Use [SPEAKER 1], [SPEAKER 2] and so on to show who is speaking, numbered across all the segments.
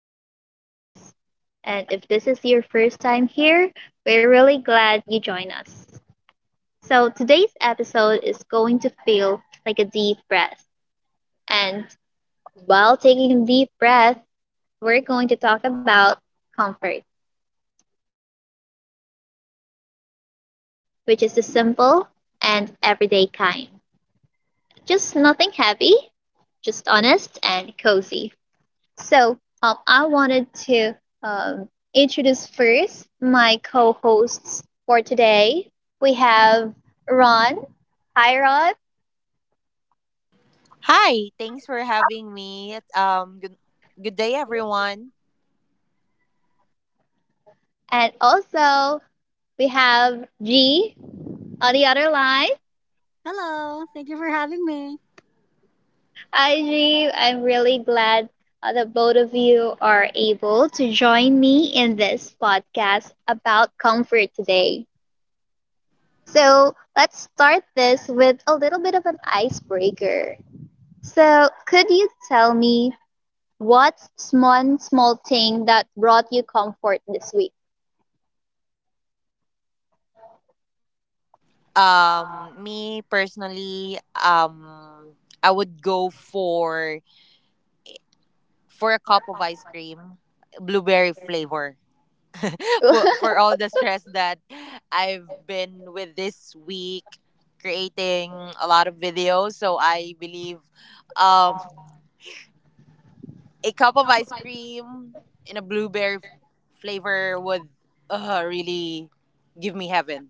[SPEAKER 1] to the podcast. And if this is your first time here, we're really glad you joined us. So, today's episode is going to feel like a deep breath. And while taking a deep breath, we're going to talk about comfort, which is the simple and everyday kind. Just nothing heavy, just honest and cozy. So I wanted to um, introduce first my co-hosts for today. We have Ron, hi Ron,
[SPEAKER 2] Hi, thanks for having me. Good, day, everyone.
[SPEAKER 1] and also we have G on the other line.
[SPEAKER 2] Hello, thank you for having me.
[SPEAKER 1] Hi G, I'm really glad that both of you are able to join me in this podcast about comfort today. So let's start this with a little bit of an icebreaker. So, could you tell me what's one small thing that brought you comfort this week?
[SPEAKER 2] Me personally, I would go for a cup of ice cream, blueberry flavor. For all the stress that I've been with this week, creating a lot of videos. So I believe, um, a cup of ice cream in a flavor would really give me heaven.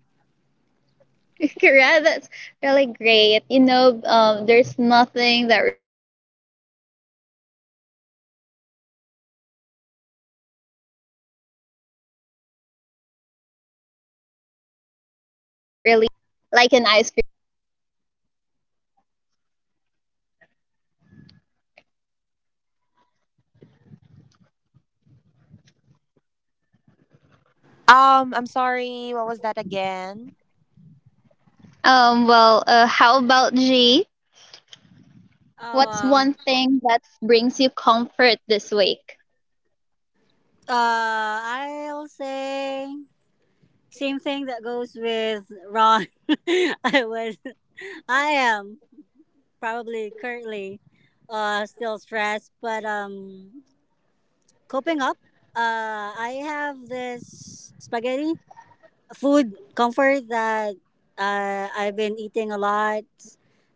[SPEAKER 1] Correct. That's really great. You know, there's nothing that really beats the under the weather feeling, um, like an ice cream does. So, how about you, G?
[SPEAKER 2] I'm sorry, what was that again?
[SPEAKER 1] Well, how about G?
[SPEAKER 2] Oh.
[SPEAKER 1] What's one thing that brings you comfort this week?
[SPEAKER 2] I'll say same thing that goes with Ron. I was, I am probably currently, still stressed, but coping up. I have this spaghetti food comfort that I've been eating a lot.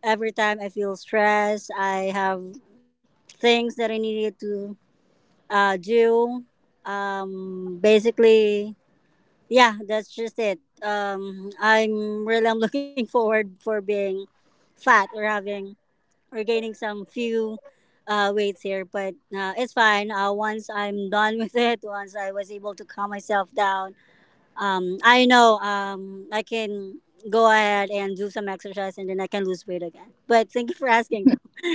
[SPEAKER 2] Every time I feel stressed, I have things that I needed to do. Basically, yeah, that's just it. I'm really I'm looking forward for being fat or having or gaining some few weights here, but it's fine. Once I'm done with it, once I was able to calm myself down, I know I can go ahead and do some exercise and then I can lose weight again. But thank you for asking, though.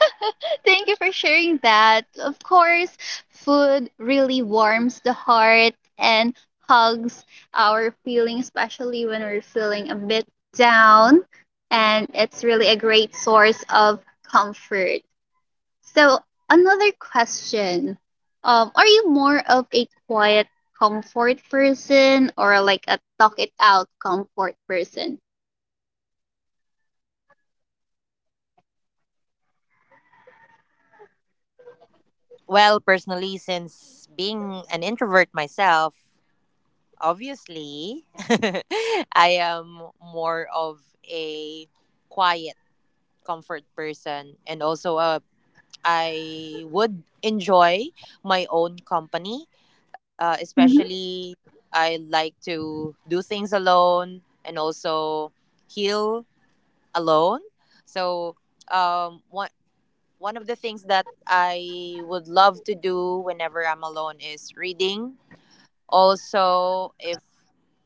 [SPEAKER 1] Thank you for sharing that. Of course, food really warms the heart and hugs our feelings, especially when we're feeling a bit down. And it's really a great source of comfort. So, another question, are you more of a quiet comfort person or like a talk it out comfort person?
[SPEAKER 2] Well, personally, since being an introvert myself, obviously, I am more of a quiet comfort person, and also I would enjoy my own company.
[SPEAKER 1] Mm-hmm.
[SPEAKER 2] Especially, I like to do things alone and also heal alone. So, um, one one of the things that I would love to do whenever I'm alone is reading. Also, if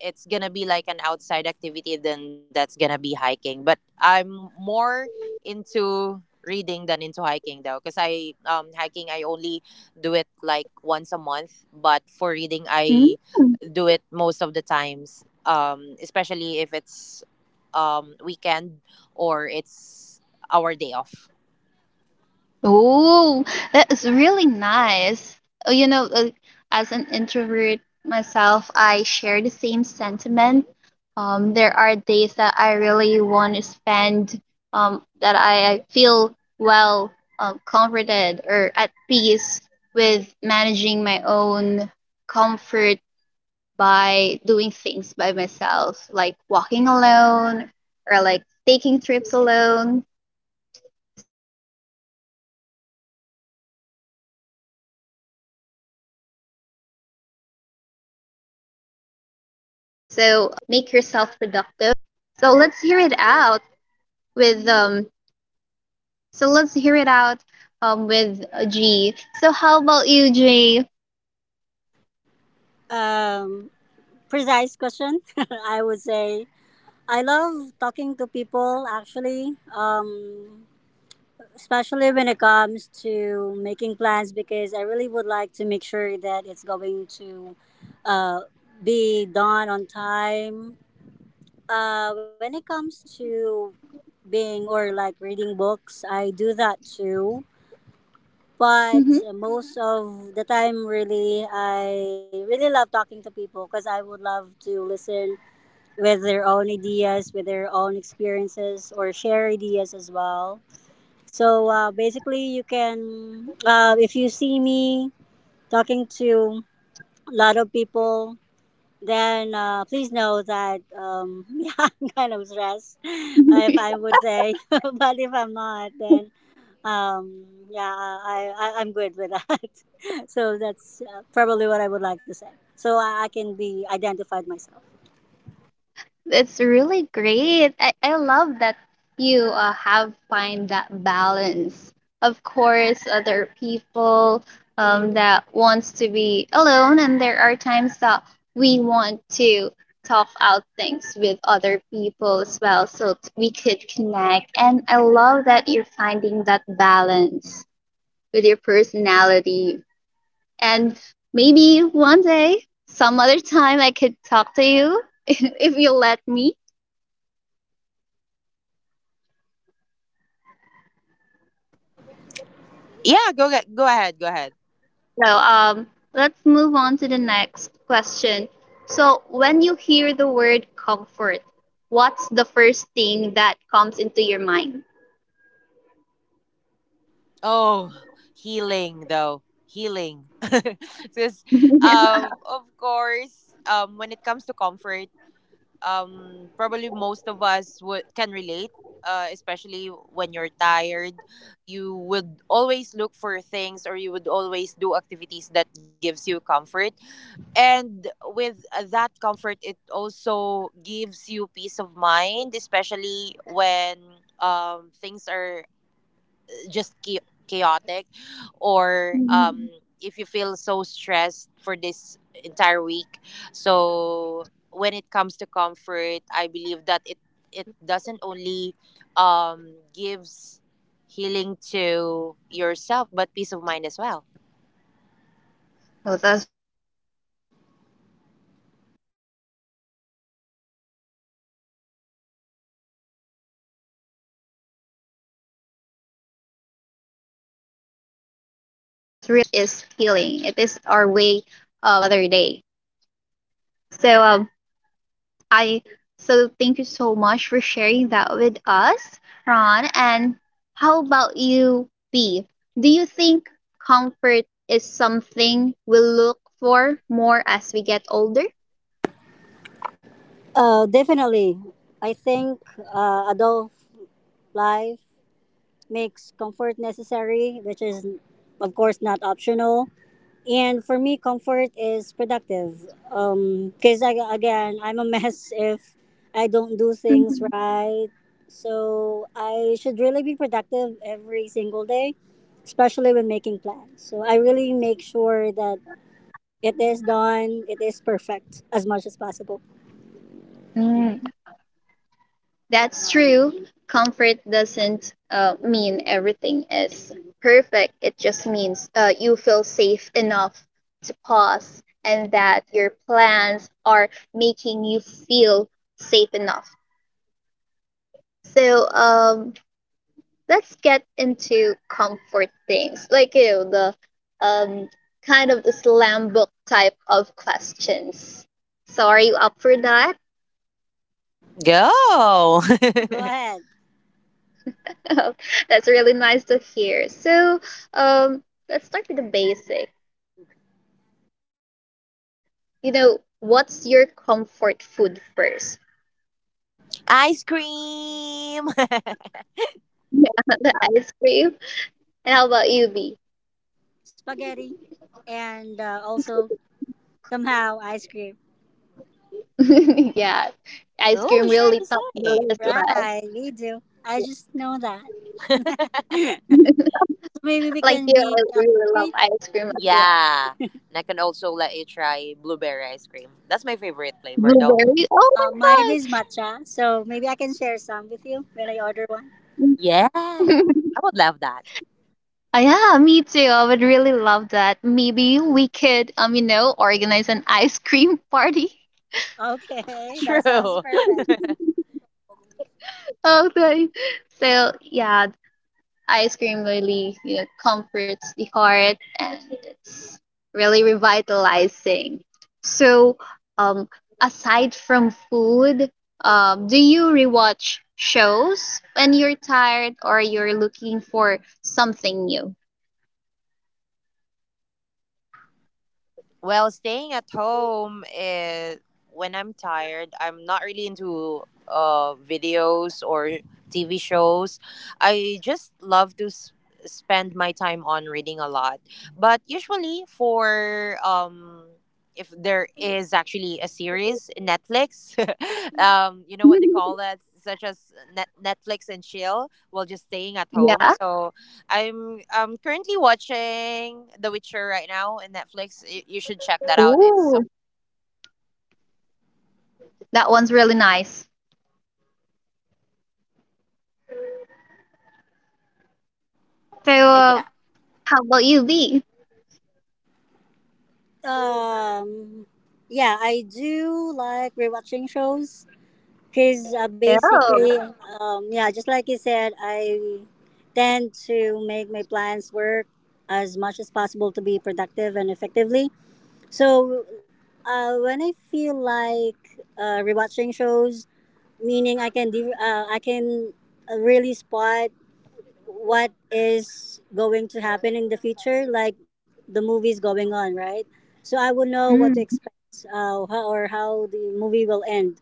[SPEAKER 2] it's gonna be like an outside activity, then that's gonna be hiking. But I'm more into reading than into hiking though, because I hiking I only do it like once a month, but for reading I
[SPEAKER 1] Mm-hmm.
[SPEAKER 2] do it most of the times. Especially if it's weekend or it's our day off.
[SPEAKER 1] Oh, that is really nice. You know, as an introvert myself, I share the same sentiment. There are days that I really want to spend, that I feel well, comforted or at peace with managing my own comfort by doing things by myself, like walking alone or like taking trips alone. So, I really love that you make yourself productive during those times. So let's hear it out with um. So let's hear it out with G. So how about you, Jay?
[SPEAKER 2] Um, precise question. I would say I love talking to people actually, especially when it comes to making plans because I really would like to make sure that it's going to uh, be done on time. When it comes to being or like reading books, I do that too. But
[SPEAKER 1] Mm-hmm.
[SPEAKER 2] most of the time, really, I really love talking to people because I would love to listen with their own ideas, with their own experiences, or share ideas as well. So, basically, you can, if you see me talking to a lot of people, then please know that yeah, I'm kind of stressed, if I would say. But if I'm not, then yeah, I'm good with that. So that's probably what I would like to say. So I can be identified myself.
[SPEAKER 1] It's really great. I love that you have find that balance. Of course, other people, that wants to be alone, and there are times that we want to talk out things with other people as well, so we could connect. And I love that you're finding that balance with your personality. And maybe one day, some other time, I could talk to you if you let me.
[SPEAKER 2] Yeah, go get, go ahead, go ahead.
[SPEAKER 1] So, let's move on to the next question. So, when you hear the word comfort, what's the first thing that comes into your mind?
[SPEAKER 2] Oh, healing though. Healing. Because, of course, when it comes to comfort, probably most of us would can relate, especially when you're tired, you would always look for things or you would always do activities that gives you comfort. And with that comfort, it also gives you peace of mind, especially when things are just chaotic or
[SPEAKER 1] Mhm.
[SPEAKER 2] if you feel so stressed for this entire week. So when it comes to comfort, I believe that it doesn't only, gives healing to yourself but peace of mind as well.
[SPEAKER 1] Oh, that's really great perspective. That comfort is healing. It is our way of revitalizing ourselves and getting us ready for another day. So um, I so thank you so much for sharing that with us, Ron. And how about you, B? Do you think comfort is something we look for more as we get older?
[SPEAKER 2] Definitely. I think adult life makes comfort necessary, which is, of course, not optional. And for me, comfort is productive. Because I, again, I'm a mess if I don't do things
[SPEAKER 1] Mhm.
[SPEAKER 2] right. So I should really be productive every single day, especially when making plans. So I really make sure that it is done, it is perfect as much as possible.
[SPEAKER 1] Mm, that's true. Comfort doesn't mean everything is perfect. It just means you feel safe enough to pause, and that your plans are making you feel safe enough. So let's get into comfort things, like you know, the um, kind of the slam book type of questions. So are you up for that?
[SPEAKER 2] Go. Go ahead.
[SPEAKER 1] That's really nice to hear. So um, let's start with the basic. You know, what's your comfort food first?
[SPEAKER 2] Ice cream.
[SPEAKER 1] Yeah, the ice cream. And how about you, B?
[SPEAKER 2] Spaghetti, and also somehow ice cream.
[SPEAKER 1] Yeah, ice
[SPEAKER 2] Oh,
[SPEAKER 1] cream
[SPEAKER 2] we share
[SPEAKER 1] really
[SPEAKER 2] the
[SPEAKER 1] top
[SPEAKER 2] same.
[SPEAKER 1] the list, right?
[SPEAKER 2] Right, we do. I just know that. So maybe we
[SPEAKER 1] Like
[SPEAKER 2] can
[SPEAKER 1] you,
[SPEAKER 2] be
[SPEAKER 1] I really love
[SPEAKER 2] wait.
[SPEAKER 1] ice cream as well.
[SPEAKER 2] Yeah. And I can also let you try blueberry ice cream. That's my favorite flavor though.
[SPEAKER 1] Blueberry. Oh
[SPEAKER 2] Uh, mine
[SPEAKER 1] my
[SPEAKER 2] is matcha, so maybe I can share some with you when I order one. Yeah.
[SPEAKER 1] god.
[SPEAKER 2] I would love that.
[SPEAKER 1] Yeah, me too. I would really love that. Maybe we could, you know, organize an ice cream party.
[SPEAKER 2] Okay, that sounds true. Perfect.
[SPEAKER 1] Okay. So yeah, ice cream really, you know, comforts the heart and it's really revitalizing. So, um, aside from food, do you rewatch shows when you're tired or you're looking for something new?
[SPEAKER 2] Well, staying at home is when I'm tired. I'm not really into videos or TV shows. I just love to spend my time on reading a lot. But usually, for if there is actually a series in Netflix, you know what they call that, such as Netflix and chill. Well, just staying at home.
[SPEAKER 1] Yeah.
[SPEAKER 2] So I'm currently watching The Witcher right now in Netflix. You should check that out. It's
[SPEAKER 1] Ooh, that one's really nice. So,
[SPEAKER 2] yeah.
[SPEAKER 1] how about you, B?
[SPEAKER 2] Um, yeah, I do like rewatching shows because, basically,
[SPEAKER 1] Oh,
[SPEAKER 2] yeah, just like you said, I tend to make my plans work as much as possible to be productive and effectively. So, when I feel like rewatching shows, meaning I can I can really spot what is going to happen in the future, like the movies going on, right? So I would know what to
[SPEAKER 1] mm.
[SPEAKER 2] expect, how, or how the movie will end.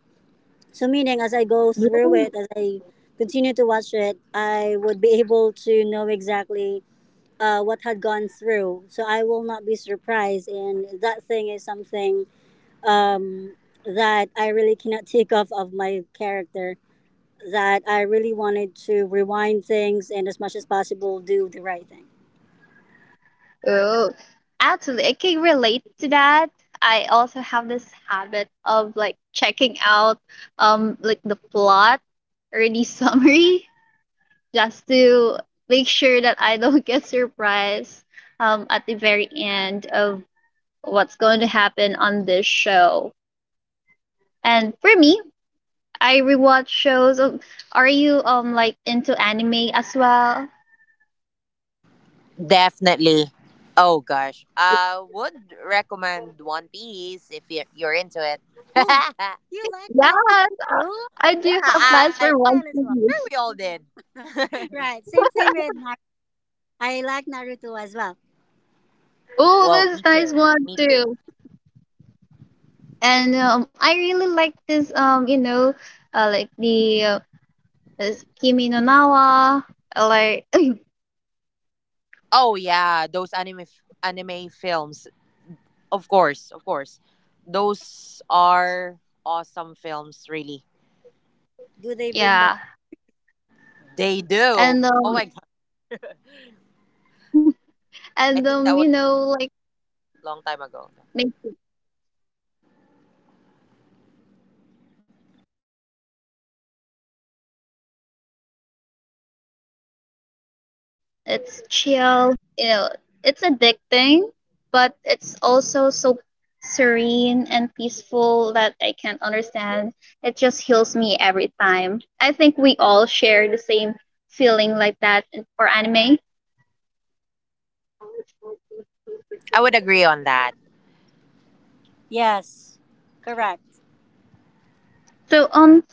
[SPEAKER 2] So, meaning as I go
[SPEAKER 1] Yeah.
[SPEAKER 2] through it, as I continue to watch it, I would be able to know exactly what had gone through. So, I will not be surprised. And that thing is something, um, that I really cannot take off of my character, that I really wanted to rewind things and as much as possible do the right thing.
[SPEAKER 1] Oh, absolutely. I can relate to that. I also have this habit of like checking out like the plot or the summary just to make sure that I don't get surprised at the very end of what's going to happen on this show. And for me, I rewatch shows. Are you like into anime as well?
[SPEAKER 2] Definitely. Oh gosh. I would recommend One Piece if you're into it. Oh, yeah, you like One Piece
[SPEAKER 1] Yes,
[SPEAKER 2] too?
[SPEAKER 1] I do
[SPEAKER 2] Yeah,
[SPEAKER 1] have
[SPEAKER 2] I
[SPEAKER 1] plans
[SPEAKER 2] like
[SPEAKER 1] for
[SPEAKER 2] that as
[SPEAKER 1] One
[SPEAKER 2] well. Sure we
[SPEAKER 1] Piece.
[SPEAKER 2] all did. Right, same thing with Naruto. I like Naruto as well.
[SPEAKER 1] Oh,
[SPEAKER 2] Whoa, me
[SPEAKER 1] that's nice
[SPEAKER 2] too.
[SPEAKER 1] one
[SPEAKER 2] Me too.
[SPEAKER 1] too. And I really like this you know, like the this Kimi no Nawa, like
[SPEAKER 2] Oh yeah, those anime films. Of course, of course. Those are awesome films really. Do they bring back?
[SPEAKER 1] yeah,
[SPEAKER 2] They do.
[SPEAKER 1] and
[SPEAKER 2] Oh
[SPEAKER 1] um,
[SPEAKER 2] my god, I
[SPEAKER 1] and
[SPEAKER 2] think that was
[SPEAKER 1] you know, like
[SPEAKER 2] a long time ago.
[SPEAKER 1] make yeah, and you know, it's just fun. It's chill, and it's not overly you know, it's addicting, but it's also so serene and peaceful that I can't understand. It just heals me every time. I think we all share the same feeling like that for anime.
[SPEAKER 2] I would agree on that. Yes, correct.
[SPEAKER 1] So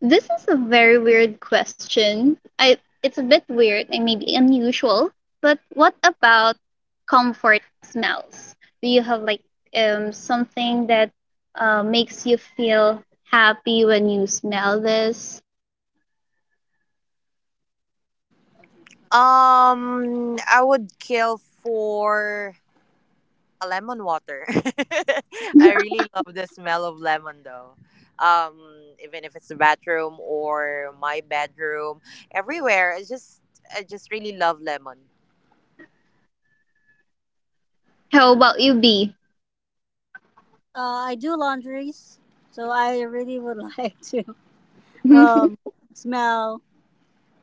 [SPEAKER 1] this is a very weird question. I It's a bit weird and maybe unusual, but what about comfort smells? Do you have like something that makes you feel happy when you smell this?
[SPEAKER 2] I would kill for a lemon water. I really love the smell of lemon though. Um, even if it's the bathroom or my bedroom, everywhere. I just really love lemon.
[SPEAKER 1] How about you, B?
[SPEAKER 2] I do laundries, so I really would like to um, smell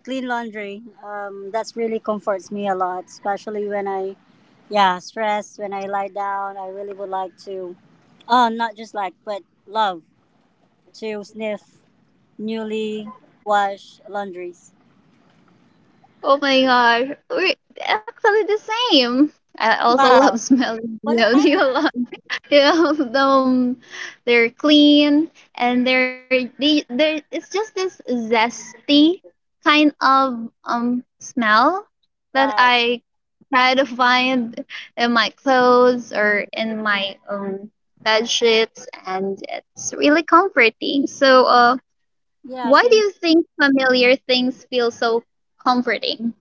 [SPEAKER 2] clean laundry. That's really comforts me a lot, especially when I, yeah, stress, when I lie down. I really would like to, not just like, but love to sniff newly washed laundries.
[SPEAKER 1] Oh my gosh, we're actually the same. I also
[SPEAKER 2] Wow.
[SPEAKER 1] love smelling.
[SPEAKER 2] What
[SPEAKER 1] You
[SPEAKER 2] a
[SPEAKER 1] know,
[SPEAKER 2] kind
[SPEAKER 1] do
[SPEAKER 2] of,
[SPEAKER 1] you love? Yeah, they're clean and they it's just this zesty kind of smell that
[SPEAKER 2] right.
[SPEAKER 1] I try to find in my clothes or in my bed sheets, and it's really comforting. So
[SPEAKER 2] Yeah,
[SPEAKER 1] why do
[SPEAKER 2] same.
[SPEAKER 1] you think familiar things feel so comforting?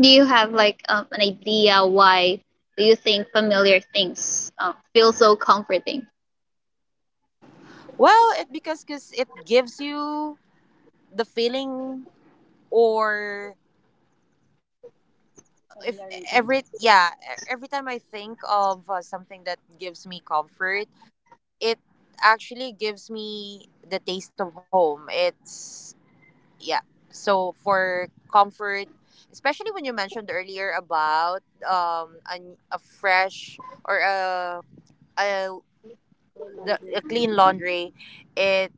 [SPEAKER 1] Do you have like an idea why do you think familiar things feel so comforting?
[SPEAKER 2] Well, it because cause it gives you the feeling or if familiarity. Every time I think of something that gives me comfort, it actually gives me the taste of home. It's yeah. So for comfort, especially when you mentioned earlier about um a, a fresh or a a clean laundry, it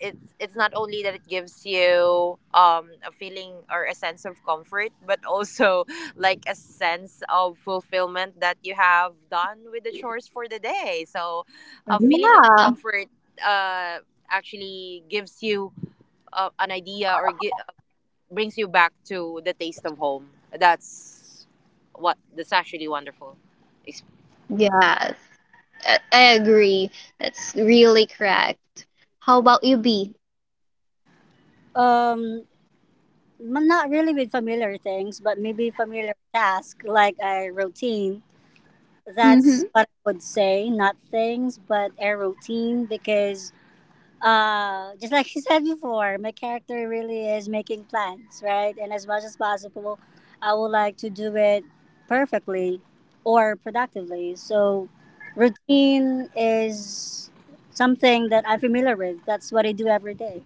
[SPEAKER 2] it's not only that it gives you a feeling or a sense of comfort but also like a sense of fulfillment that you have done with the chores for the day. So a feeling of
[SPEAKER 1] Yeah.
[SPEAKER 2] comfort uh actually gives you an idea or brings you back to the taste of home. That's what that's actually wonderful. Ex-
[SPEAKER 1] Yes. I agree. That's really correct. How about you, B?
[SPEAKER 2] um not really with familiar things but maybe familiar tasks like a routine.
[SPEAKER 1] Mm-hmm.
[SPEAKER 2] That's what I would say. Not things, but a routine because just like you said before, my character really is making plans, right? And as much as possible, I would like to do it perfectly or productively. So, routine is something that I'm familiar with. That's what I do every day.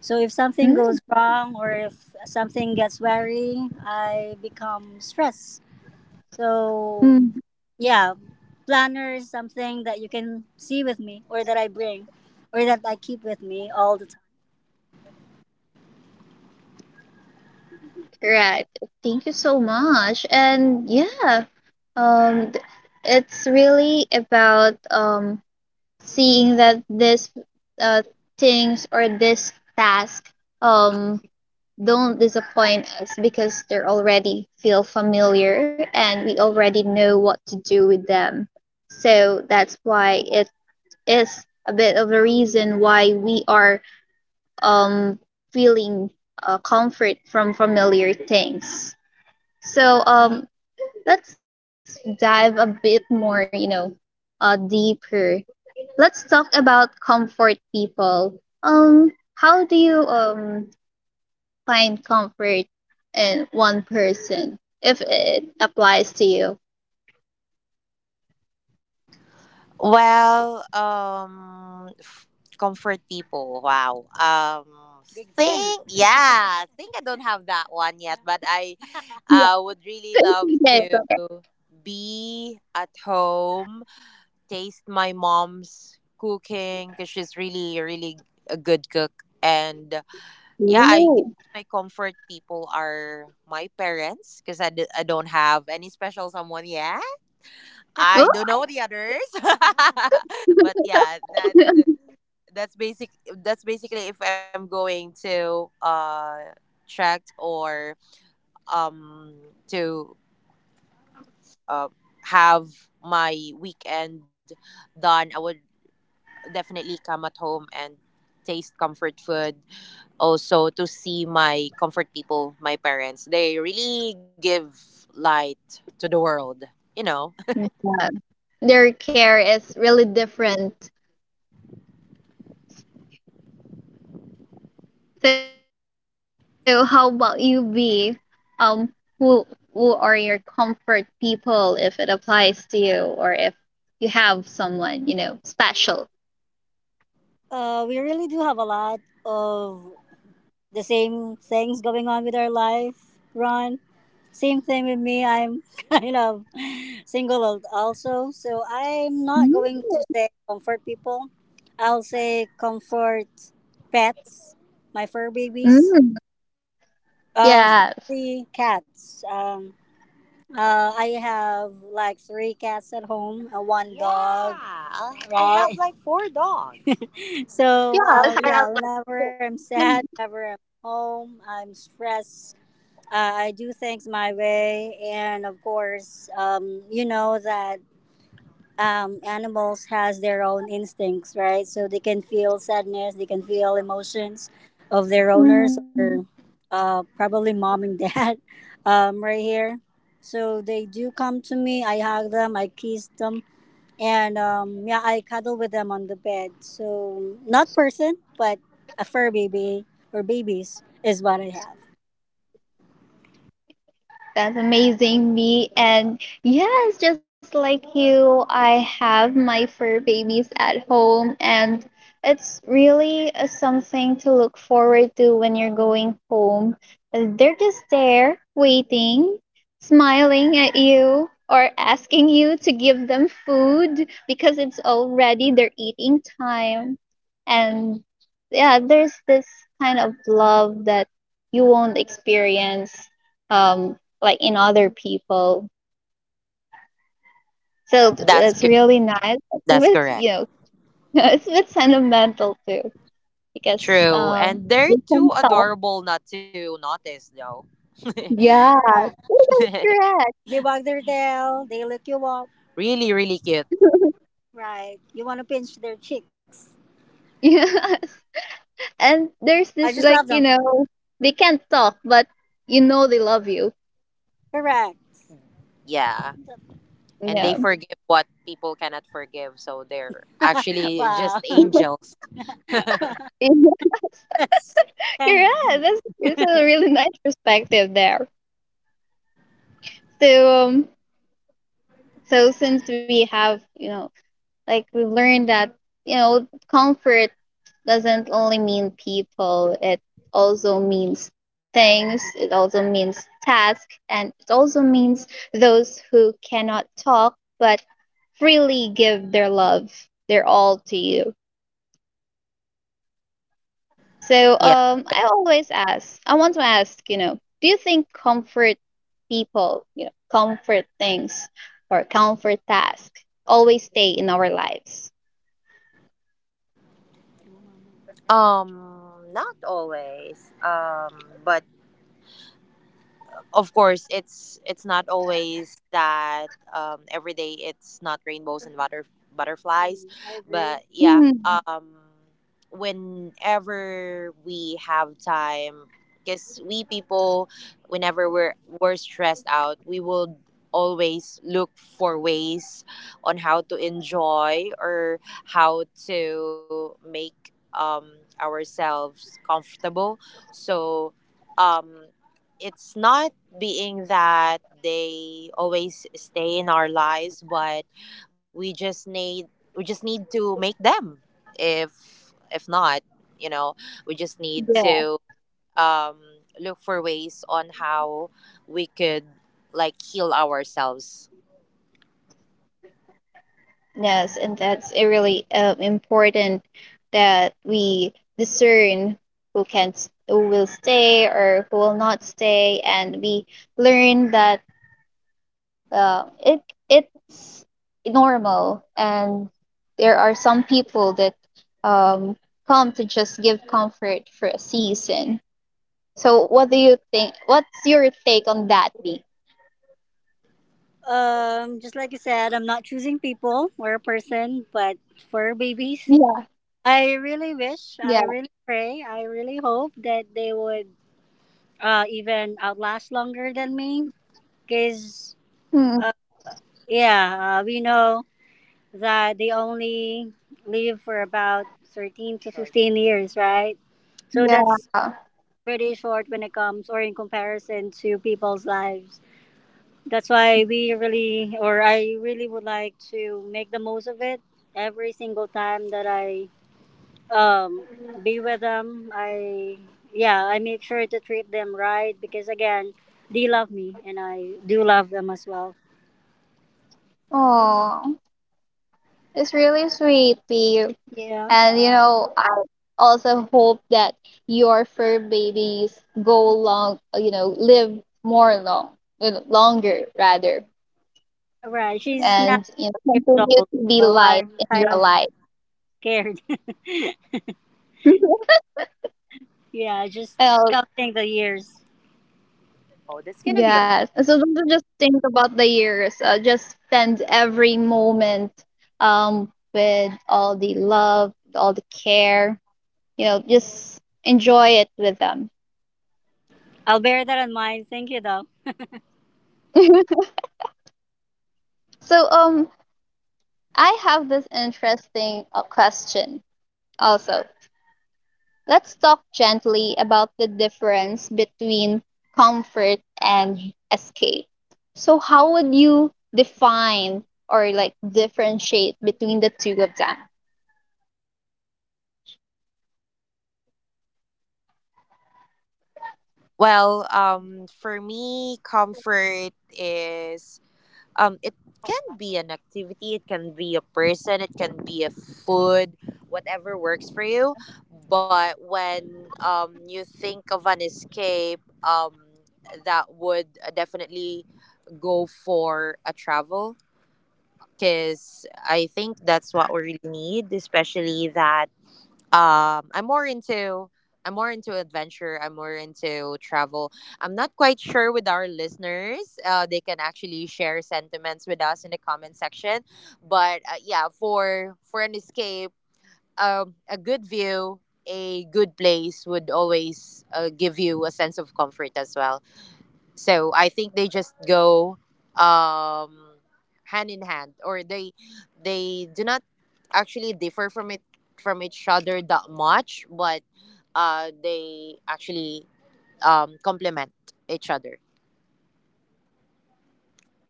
[SPEAKER 2] So, if something goes wrong or if something gets wary, I become stressed. So,
[SPEAKER 1] Mm,
[SPEAKER 2] yeah, planner is something that you can see with me, or that I bring, or that I keep with me all the time.
[SPEAKER 1] correct. Thank you so much. And yeah, um, th- it's really about seeing that this uh things or this task um don't disappoint us because they're already feel familiar and we already know what to do with them. So that's why it is a bit of a reason why we are um, feeling comfort from familiar things. So let's dive a bit more, you know, deeper. Let's talk about comfort people. How do you find comfort in one person if it applies to you?
[SPEAKER 2] Well, comfort people. Wow. Big thing think yeah, think I don't have that one yet, but
[SPEAKER 1] Yeah.
[SPEAKER 2] would really love
[SPEAKER 1] Okay,
[SPEAKER 2] to
[SPEAKER 1] so-
[SPEAKER 2] be at home, taste my mom's cooking because she's really, really a good cook, and yeah, I guess
[SPEAKER 1] Ooh.
[SPEAKER 2] my comfort people are my parents because I don't have any special someone yet. I
[SPEAKER 1] Ooh.
[SPEAKER 2] don't know the others, but yeah, that's basic. That's basically if I'm going to track or um to uh, have my weekend done, I would definitely come at home and taste comfort food, also to see my comfort people, my parents. They really give light to the world, you know.
[SPEAKER 1] Yeah. Their care is really different. So how about you, B? Um, who who are your comfort people if it applies to you or if you have someone, you know, special?
[SPEAKER 2] We really do have a lot of the same things going on with our life, Ron. Same thing with me. I'm kind of single also, so I'm not
[SPEAKER 1] Mm.
[SPEAKER 2] going to say comfort people. I'll say comfort pets, my fur babies,
[SPEAKER 1] Mm. Yes.
[SPEAKER 2] especially cats. I have like three cats at home, one dog. Yeah, I have Right, like four dogs.
[SPEAKER 1] Yeah.
[SPEAKER 2] So,
[SPEAKER 1] I have
[SPEAKER 2] yeah,
[SPEAKER 1] like-
[SPEAKER 2] whenever I'm sad, whenever I'm home, I'm stressed. I do things my way, and of course, you know that animals has their own instincts, right? So they can feel sadness, they can feel emotions of their owners
[SPEAKER 1] Mhm.
[SPEAKER 2] or probably mom and dad right here. So they do come to me. I hug them, I kiss them, and yeah, I cuddle with them on the bed. So not person, but a fur baby or babies is what I have.
[SPEAKER 1] That's amazing, me. And yes, just like you, I have my fur babies at home, and it's really something to look forward to when you're going home. They're just there, waiting, smiling at you, or asking you to give them food because it's already their eating time. And yeah, there's this kind of love that you won't experience. Um, like in other people. So
[SPEAKER 2] That's
[SPEAKER 1] it's
[SPEAKER 2] co-
[SPEAKER 1] really nice. It's a
[SPEAKER 2] that's
[SPEAKER 1] bit, you
[SPEAKER 2] correct.
[SPEAKER 1] know, it's a bit sentimental too because
[SPEAKER 2] True. And they're
[SPEAKER 1] we can
[SPEAKER 2] too
[SPEAKER 1] talk.
[SPEAKER 2] adorable not to notice, though.
[SPEAKER 1] Yeah,
[SPEAKER 2] Correct.
[SPEAKER 1] that's correct.
[SPEAKER 2] They wag their tail, they lick you up, really, really cute, right? You want to pinch their cheeks.
[SPEAKER 1] Yes, and there's
[SPEAKER 2] I
[SPEAKER 1] this
[SPEAKER 2] just
[SPEAKER 1] like
[SPEAKER 2] love
[SPEAKER 1] you
[SPEAKER 2] them.
[SPEAKER 1] know they can't talk, but you know they love you.
[SPEAKER 2] Correct. Yeah. And they
[SPEAKER 1] Yeah.
[SPEAKER 2] forgive what people cannot forgive. So they're actually wow, just wow, angels. That's
[SPEAKER 1] Yeah,
[SPEAKER 2] kind
[SPEAKER 1] correct. That's it's a really nice perspective there. So so since we have you know like we learned that you know comfort doesn't only mean people, it also means things, it also means task, and it also means those who cannot talk but freely give their love their all to you. So
[SPEAKER 2] Yeah.
[SPEAKER 1] I always ask, I want to ask you know do you think comfort people you know comfort things or comfort task always stay in our lives.
[SPEAKER 2] Not always. But of course it's not always that every day it's not rainbows and butterflies, I agree. But yeah,
[SPEAKER 1] Mhm.
[SPEAKER 2] whenever we have time, because we people, whenever we're stressed out, we will always look for ways on how to enjoy or how to make ourselves comfortable. So, um it's not being that they always stay in our lives, but we just need we just need to make them. If not, you know we just need to um look for ways on how we could like heal ourselves.
[SPEAKER 1] Yes, and that's a really important that we discern who can who will stay or who will not stay, and we learn that uh, it it's normal, and there are some people that um, come to just give comfort for a season. So, what do you think? What's your take on that, B?
[SPEAKER 2] Just like I said, I'm not choosing people or a person, but for babies,
[SPEAKER 1] Yeah,
[SPEAKER 2] I really wish, I
[SPEAKER 1] yeah,
[SPEAKER 2] really pray, I really hope that they would even outlast longer than me, because,
[SPEAKER 1] Hmm,
[SPEAKER 2] yeah, we know that they only live for about 13 to 15 years, right? So
[SPEAKER 1] yeah.
[SPEAKER 2] that's pretty short when it comes or in comparison to people's lives. That's why we really, or I really would like to make the most of it every single time that I um, be with them. I make sure to treat them right because, again, they love me and I do love them as well.
[SPEAKER 1] Oh, it's really sweet, B.
[SPEAKER 2] Yeah.
[SPEAKER 1] And you know, I also hope that your fur babies go long, you know, live more long, you know, longer rather,
[SPEAKER 2] Right, she's now
[SPEAKER 1] and you know,
[SPEAKER 2] 8 years
[SPEAKER 1] continue
[SPEAKER 2] old,
[SPEAKER 1] to be
[SPEAKER 2] so
[SPEAKER 1] light
[SPEAKER 2] I'm
[SPEAKER 1] in
[SPEAKER 2] kind
[SPEAKER 1] your
[SPEAKER 2] of
[SPEAKER 1] life.
[SPEAKER 2] scared. Yeah, just
[SPEAKER 1] Oh,
[SPEAKER 2] counting the years. Oh, that's gonna be a lot.
[SPEAKER 1] yes. So don't just think about the years. Just spend every moment with all the love, all the care. You know, just enjoy it with them.
[SPEAKER 2] I'll bear that in mind. Thank you, though.
[SPEAKER 1] So I have this interesting question also. Let's talk gently about the difference between comfort and escape. So, how would you define or like differentiate between the two of them?
[SPEAKER 2] Well, for me, comfort is it can be an activity, it can be a person, it can be a food, whatever works for you. But when you think of an escape, that would definitely go for a travel, because I think that's what we really need, especially that um i'm more into I'm more into adventure, I'm more into travel. I'm not quite sure with our listeners, they can actually share sentiments with us in the comment section, but yeah, for an escape, a good view, a good place would always give you a sense of comfort as well. So I think they just go um, hand in hand, or they do not actually differ from it from each other that much, but they actually complement each other.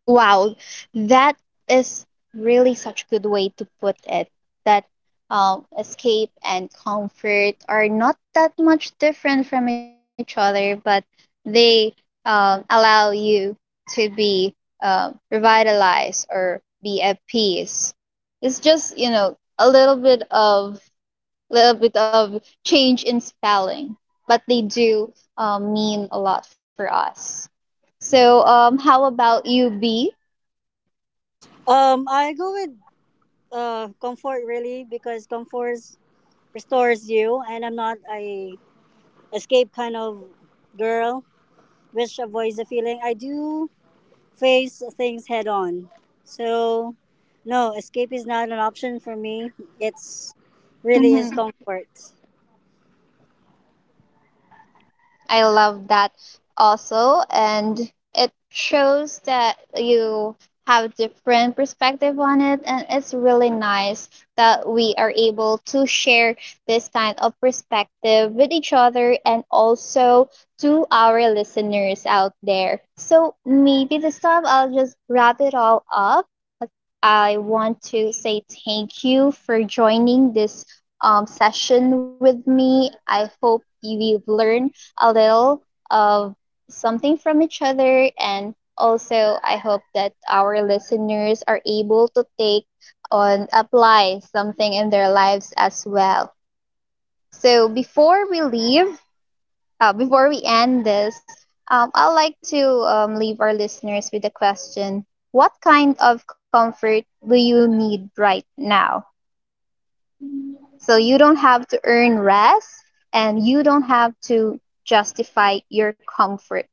[SPEAKER 1] Wow, that is really such a good way to put it. That escape and comfort are not that much different from each other, but they allow you to be revitalized or be at peace. It's just you know a little bit of change in spelling, but they do mean a lot for us. So, how about you, B?
[SPEAKER 2] I go with comfort really, because comfort restores you, and I'm not a escape kind of girl, which avoids the feeling. I do face things head on. So, no, escape is not an option for me. It's
[SPEAKER 1] Hı
[SPEAKER 2] really is
[SPEAKER 1] hı.
[SPEAKER 2] comfort.
[SPEAKER 1] I love that also, and it shows that you have different perspective on it, and it's really nice that we are able to share this kind of perspective with each other and also to our listeners out there. So maybe this time I'll just wrap it all up. I want to say thank you for joining this session with me. I hope you've learned a little of something from each other. And also, I hope that our listeners are able to take on apply something in their lives as well. So, before we leave, before we end this, I'd like to leave our listeners with a question. What kind of comfort do you need right now? So, you don't have to earn rest and you don't have to justify your comfort.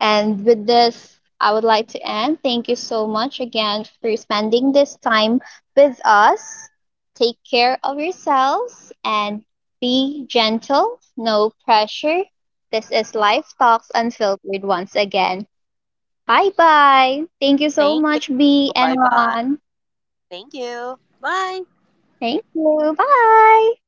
[SPEAKER 1] And with this, I would like to end. Thank you so much again for spending this time with us. Take care of yourselves and be gentle, no pressure. This is Life Talks Unfiltered once again. Bye bye. Thank you
[SPEAKER 2] Thank you.
[SPEAKER 1] so much,
[SPEAKER 2] Bye
[SPEAKER 1] B and
[SPEAKER 2] bye.
[SPEAKER 1] Ron.
[SPEAKER 2] Thank you. Bye.
[SPEAKER 1] Thank you. Bye.